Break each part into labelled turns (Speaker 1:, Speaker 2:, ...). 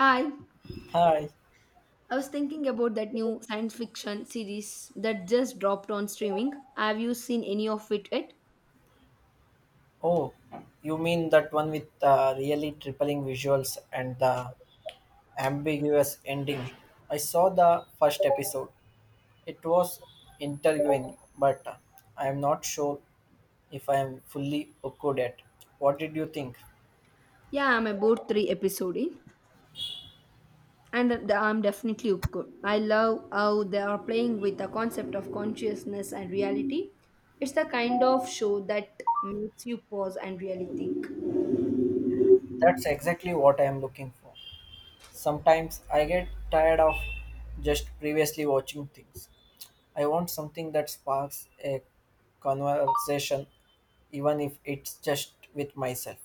Speaker 1: Hi,
Speaker 2: Hi.
Speaker 1: I was thinking about that new science fiction series that just dropped on streaming. Have you seen any of it yet?
Speaker 2: Oh, you mean that one with the really tripling visuals and the ambiguous ending? I saw the first episode. It was interviewing, but I am not sure if I am fully hooked yet. What did you think?
Speaker 1: Yeah, I'm about three episode in, and I'm definitely good. I love how they are playing with the concept of consciousness and reality. It's the kind of show that makes you pause and really think.
Speaker 2: That's exactly what I am looking for. Sometimes I get tired of just previously watching things. I want something that sparks a conversation, even if it's just with myself.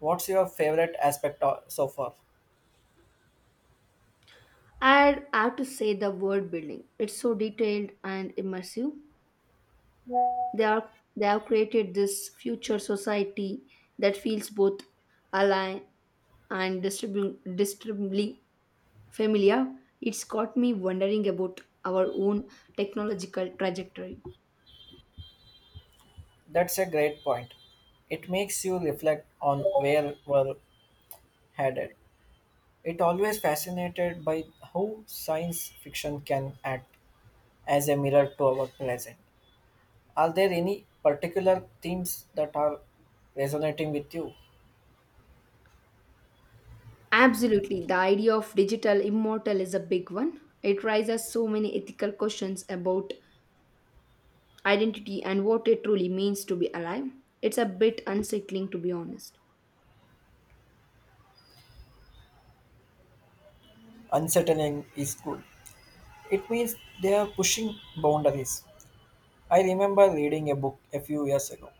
Speaker 2: What's your favorite aspect so far?
Speaker 1: I have to say the world building. It's so detailed and immersive. They are, they have created this future society that feels both alive and disturbingly familiar. It's got me wondering about our own technological trajectory.
Speaker 2: That's a great point. It makes you reflect on where we're headed. It always fascinated by how science fiction can act as a mirror to our present. Are there any particular themes that are resonating with you?
Speaker 1: Absolutely, the idea of digital immortal is a big one. It raises so many ethical questions about identity and what it truly means to be alive. It's a bit unsettling, to be honest.
Speaker 2: Unsettling is good. It means they are pushing boundaries. I remember reading a book a few years ago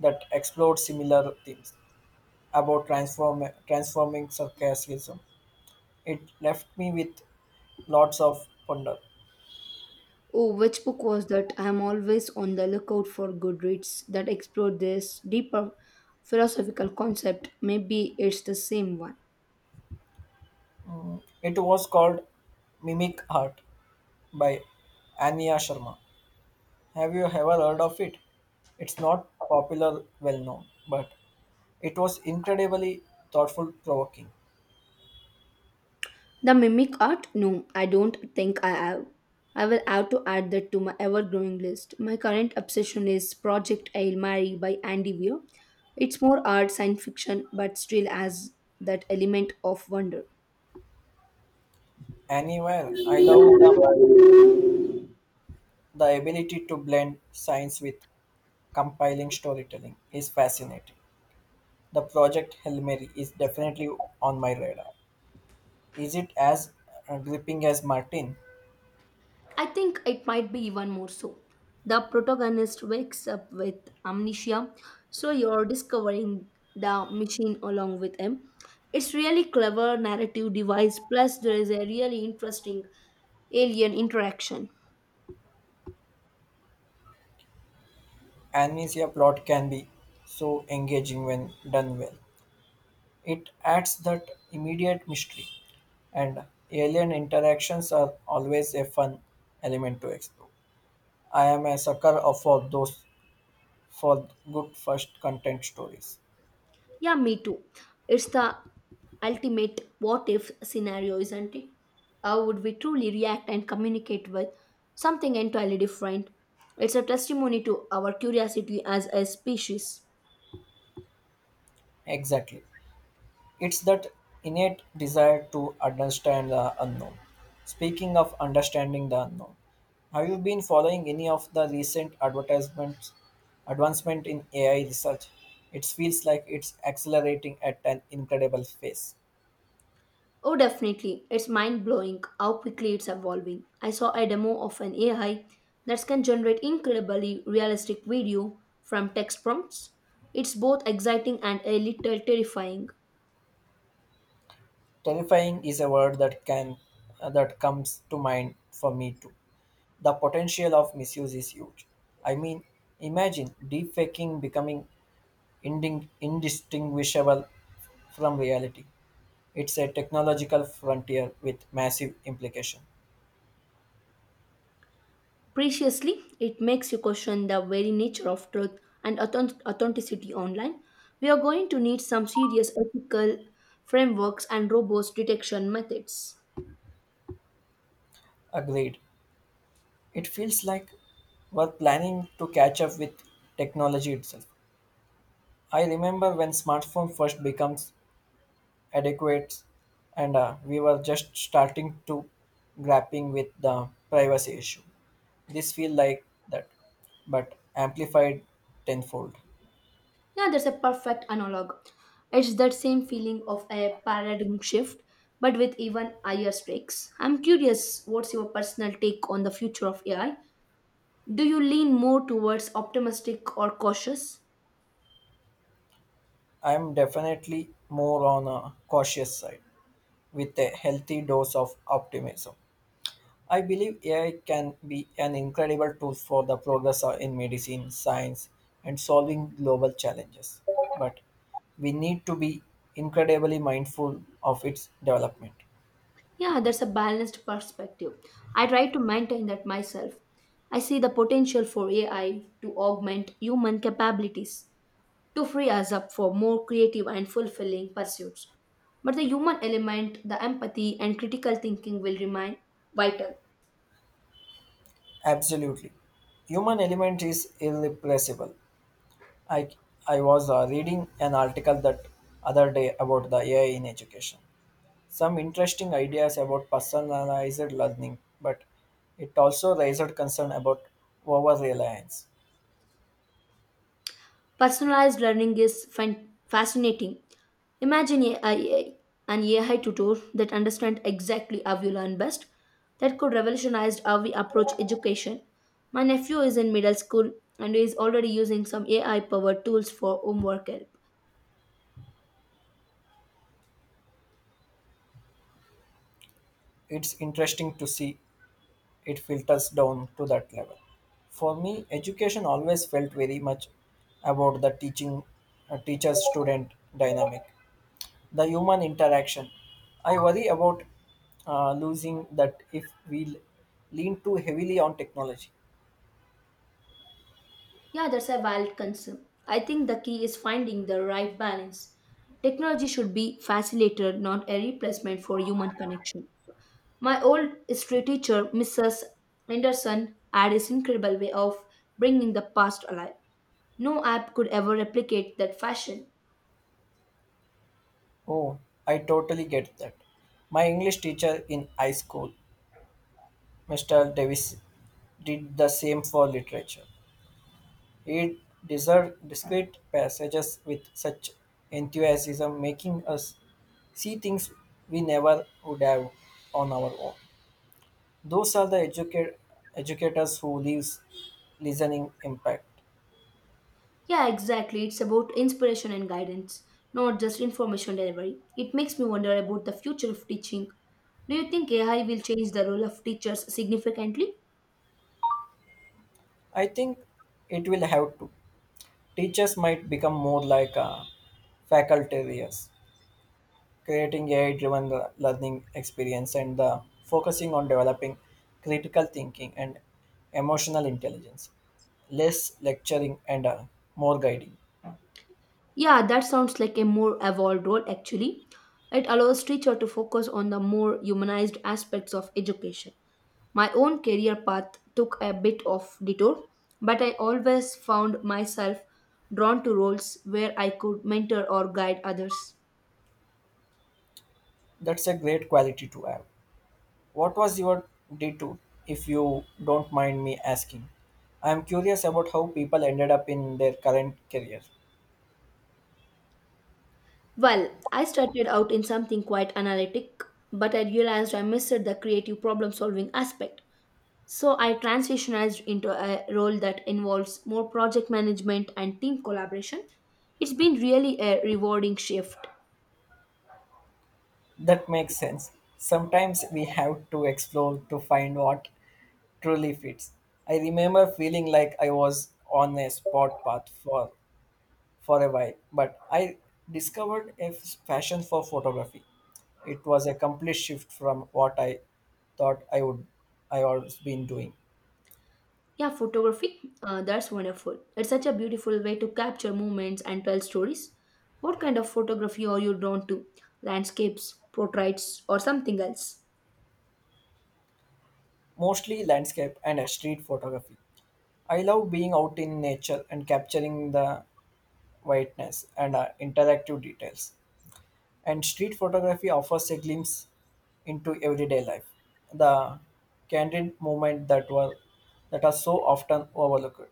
Speaker 2: that explored similar themes about transforming sarcasm. It left me with lots of wonder.
Speaker 1: Oh, which book was that? I'm always on the lookout for good reads that explore this deeper philosophical concept. Maybe it's the same one.
Speaker 2: It was called Mimic Art by Anya Sharma. Have you ever heard of it? It's not popular, well known, but it was incredibly thoughtful, provoking.
Speaker 1: The mimic art? No, I don't think I have. I will have to add that to my ever growing list. My current obsession is Project Hail Mary by Andy Weir. It's more art science fiction, but still has that element of wonder.
Speaker 2: Anywhere, I love the ability to blend science with compiling storytelling is fascinating. The project Hail Mary is definitely on my radar. Is it as gripping as Martin?
Speaker 1: I think it might be even more so. The protagonist wakes up with amnesia, so you're discovering the machine along with him. It's really clever narrative device, plus there is a really interesting alien interaction.
Speaker 2: Amnesia plot can be so engaging when done well. It adds that immediate mystery, and alien interactions are always a fun element to explore. I am a sucker for good first content stories.
Speaker 1: Yeah, me too. It's the ultimate what if scenario, isn't it? How would we truly react and communicate with something entirely different? It's a testimony to our curiosity as a species.
Speaker 2: Exactly. It's that innate desire to understand the unknown. Speaking of understanding the unknown, have you been following any of the recent advertisements advancement in AI research? It feels like it's accelerating at an incredible pace.
Speaker 1: Oh, definitely. It's mind blowing how quickly it's evolving. I saw a demo of an AI that can generate incredibly realistic video from text prompts. It's both exciting and a little terrifying.
Speaker 2: Terrifying is a word that comes to mind for me too. The potential of misuse is huge. I mean, imagine deepfaking becoming indistinguishable from reality. It's a technological frontier with massive implication.
Speaker 1: Preciously, it makes you question the very nature of truth and authenticity online. We are going to need some serious ethical frameworks and robust detection methods.
Speaker 2: Agreed. It feels like we're planning to catch up with technology itself. I remember when smartphone first becomes adequate and we were just starting to grappling with the privacy issue. This feel like that, but amplified tenfold.
Speaker 1: Yeah, that's a perfect analog. It's that same feeling of a paradigm shift, but with even higher stakes. I'm curious, what's your personal take on the future of AI? Do you lean more towards optimistic or cautious?
Speaker 2: I'm definitely more on a cautious side with a healthy dose of optimism. I believe AI can be an incredible tool for the progress in medicine, science, and solving global challenges. But we need to be incredibly mindful of its development.
Speaker 1: Yeah, that's a balanced perspective. I try to maintain that myself. I see the potential for AI to augment human capabilities, to free us up for more creative and fulfilling pursuits. But the human element, the empathy and critical thinking will remain vital.
Speaker 2: Absolutely. Human element is irreplaceable. I, I was reading an article that other day about the AI in education. Some interesting ideas about personalized learning, but it also raised concern about over reliance.
Speaker 1: Personalized learning is fascinating. Imagine an AI tutor that understands exactly how you learn best. That could revolutionize how we approach education. My nephew is in middle school and is already using some AI powered tools for homework help.
Speaker 2: It's interesting to see it filters down to that level. For me, education always felt very much about the teaching teacher student dynamic, the human interaction. I worry about losing that if we lean too heavily on technology.
Speaker 1: Yeah, that's a valid concern. I think the key is finding the right balance. Technology should be facilitator, not a replacement for human connection. My old history teacher, Mrs. Anderson, had this incredible way of bringing the past alive. No app could ever replicate that fashion.
Speaker 2: Oh, I totally get that. My English teacher in high school, Mr. Davis, did the same for literature. It deserved discrete passages with such enthusiasm, making us see things we never would have on our own. Those are the educators who leaves listening impact.
Speaker 1: Yeah, exactly. It's about inspiration and guidance, not just information delivery. It makes me wonder about the future of teaching. Do you think AI will change the role of teachers significantly?
Speaker 2: I think it will have to. Teachers might become more like facultarians, creating AI driven learning experience and the focusing on developing critical thinking and emotional intelligence. Less lecturing and more guiding.
Speaker 1: Yeah, that sounds like a more evolved role actually. It allows teacher to focus on the more humanized aspects of education. My own career path took a bit of detour, but I always found myself drawn to roles where I could mentor or guide others.
Speaker 2: That's a great quality to have. What was your D2 if you don't mind me asking? I'm curious about how people ended up in their current career.
Speaker 1: Well, I started out in something quite analytic, but I realized I missed the creative problem solving aspect. So I transitioned into a role that involves more project management and team collaboration. It's been really a rewarding shift.
Speaker 2: That makes sense. Sometimes we have to explore to find what truly fits. I remember feeling like I was on a spot path for a while, but I discovered a passion for photography. It was a complete shift from what I thought I always been doing,
Speaker 1: Yeah, photography. That's wonderful. It's such a beautiful way to capture moments and tell stories. What kind of photography are you drawn to? Landscapes, portraits, or something else?
Speaker 2: mostly landscape and street photography. I love being out in nature and capturing the whiteness and interactive details. And street photography offers a glimpse into everyday life. The candid movement that are so often overlooked.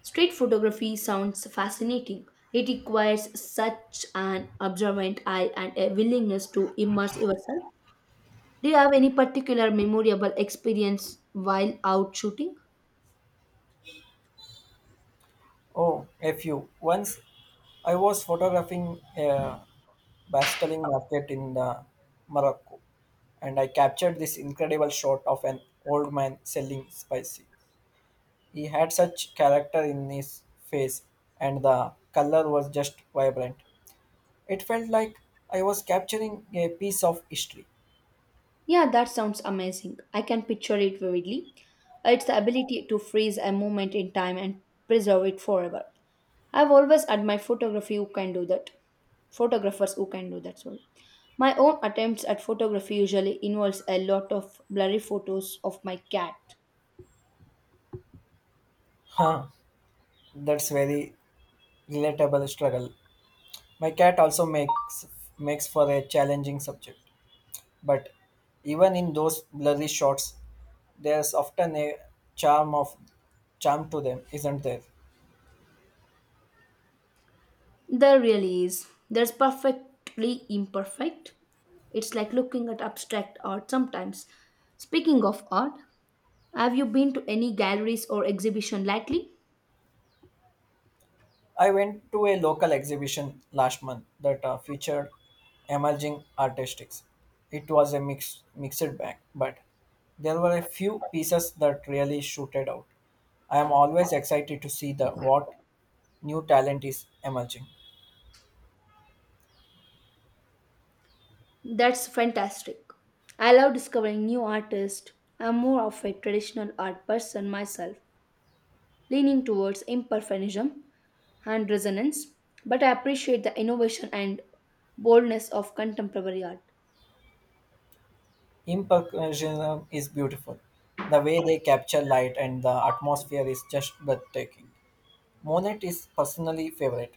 Speaker 1: Street photography sounds fascinating. It requires such an observant eye and a willingness to immerse yourself. Do you have any particular memorable experience while out shooting?
Speaker 2: Oh, a few. Once I was photographing a bustling market in the Morocco, and I captured this incredible shot of an old man selling spices. He had such character in his face, and the color was just vibrant. It felt like I was capturing a piece of history.
Speaker 1: Yeah, that sounds amazing. I can picture it vividly. It's the ability to freeze a moment in time and preserve it forever. I've always admired photography who can do that. Photographers who can do that, sorry. My own attempts at photography usually involves a lot of blurry photos of my cat.
Speaker 2: Huh, that's very relatable struggle. My cat also makes for a challenging subject, but even in those blurry shots, there's often a charm of charm to them, isn't there?
Speaker 1: There really is. There's perfectly imperfect. It's like looking at abstract art sometimes. Speaking of art, have you been to any galleries or exhibition lately?
Speaker 2: I went to a local exhibition last month that featured emerging artistics. It was a mixed bag, but there were a few pieces that really shooted out. I am always excited to see the what new talent is emerging.
Speaker 1: That's fantastic. I love discovering new artists. I'm more of a traditional art person myself, leaning towards imperfectionism and resonance, but I appreciate the innovation and boldness of contemporary art.
Speaker 2: Impressionism is beautiful. The way they capture light and the atmosphere is just breathtaking. Monet is personally favorite.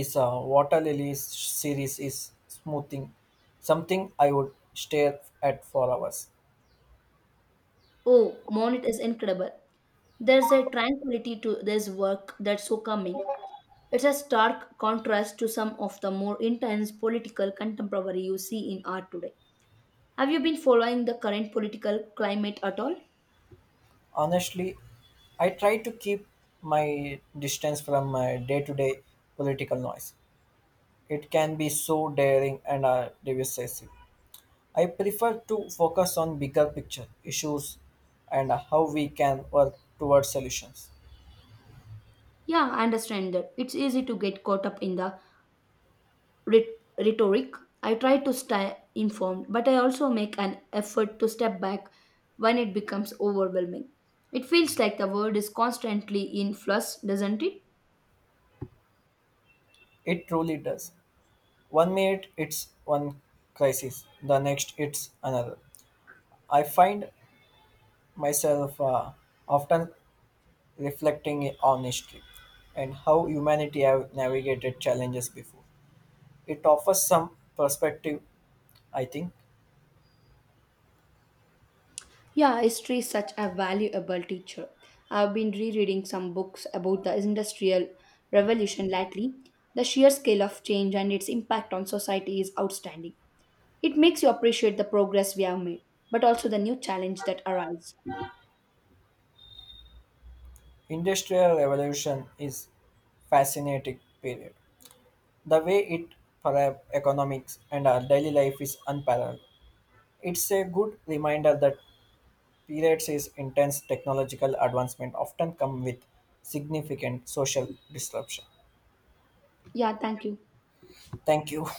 Speaker 2: Is a water lilies series is smoothing something I would stare at for hours.
Speaker 1: Oh, Monet is incredible. There's a tranquility to this work that's so calming. It's a stark contrast to some of the more intense political contemporary you see in art today. Have you been following the current political climate at all?
Speaker 2: Honestly, I try to keep my distance from my day-to-day political noise. It can be so daring and divisive. I prefer to focus on bigger picture issues and how we can work towards solutions.
Speaker 1: Yeah, I understand that. It's easy to get caught up in the rhetoric. I try to stay informed, but I also make an effort to step back when it becomes overwhelming. It feels like the world is constantly in flux, doesn't it?
Speaker 2: It truly does. One minute it's one crisis, the next it's another. I find myself often reflecting on history and how humanity have navigated challenges before. It offers some perspective, I think.
Speaker 1: Yeah, history is such a valuable teacher. I've been rereading some books about the Industrial Revolution lately. The sheer scale of change and its impact on society is outstanding. It makes you appreciate the progress we have made, but also the new challenge that arise.
Speaker 2: Industrial revolution is fascinating period. The way it perhaps economics and our daily life is unparalleled. It's a good reminder that periods is intense technological advancement often come with significant social disruption.
Speaker 1: Yeah, thank you.
Speaker 2: Thank you.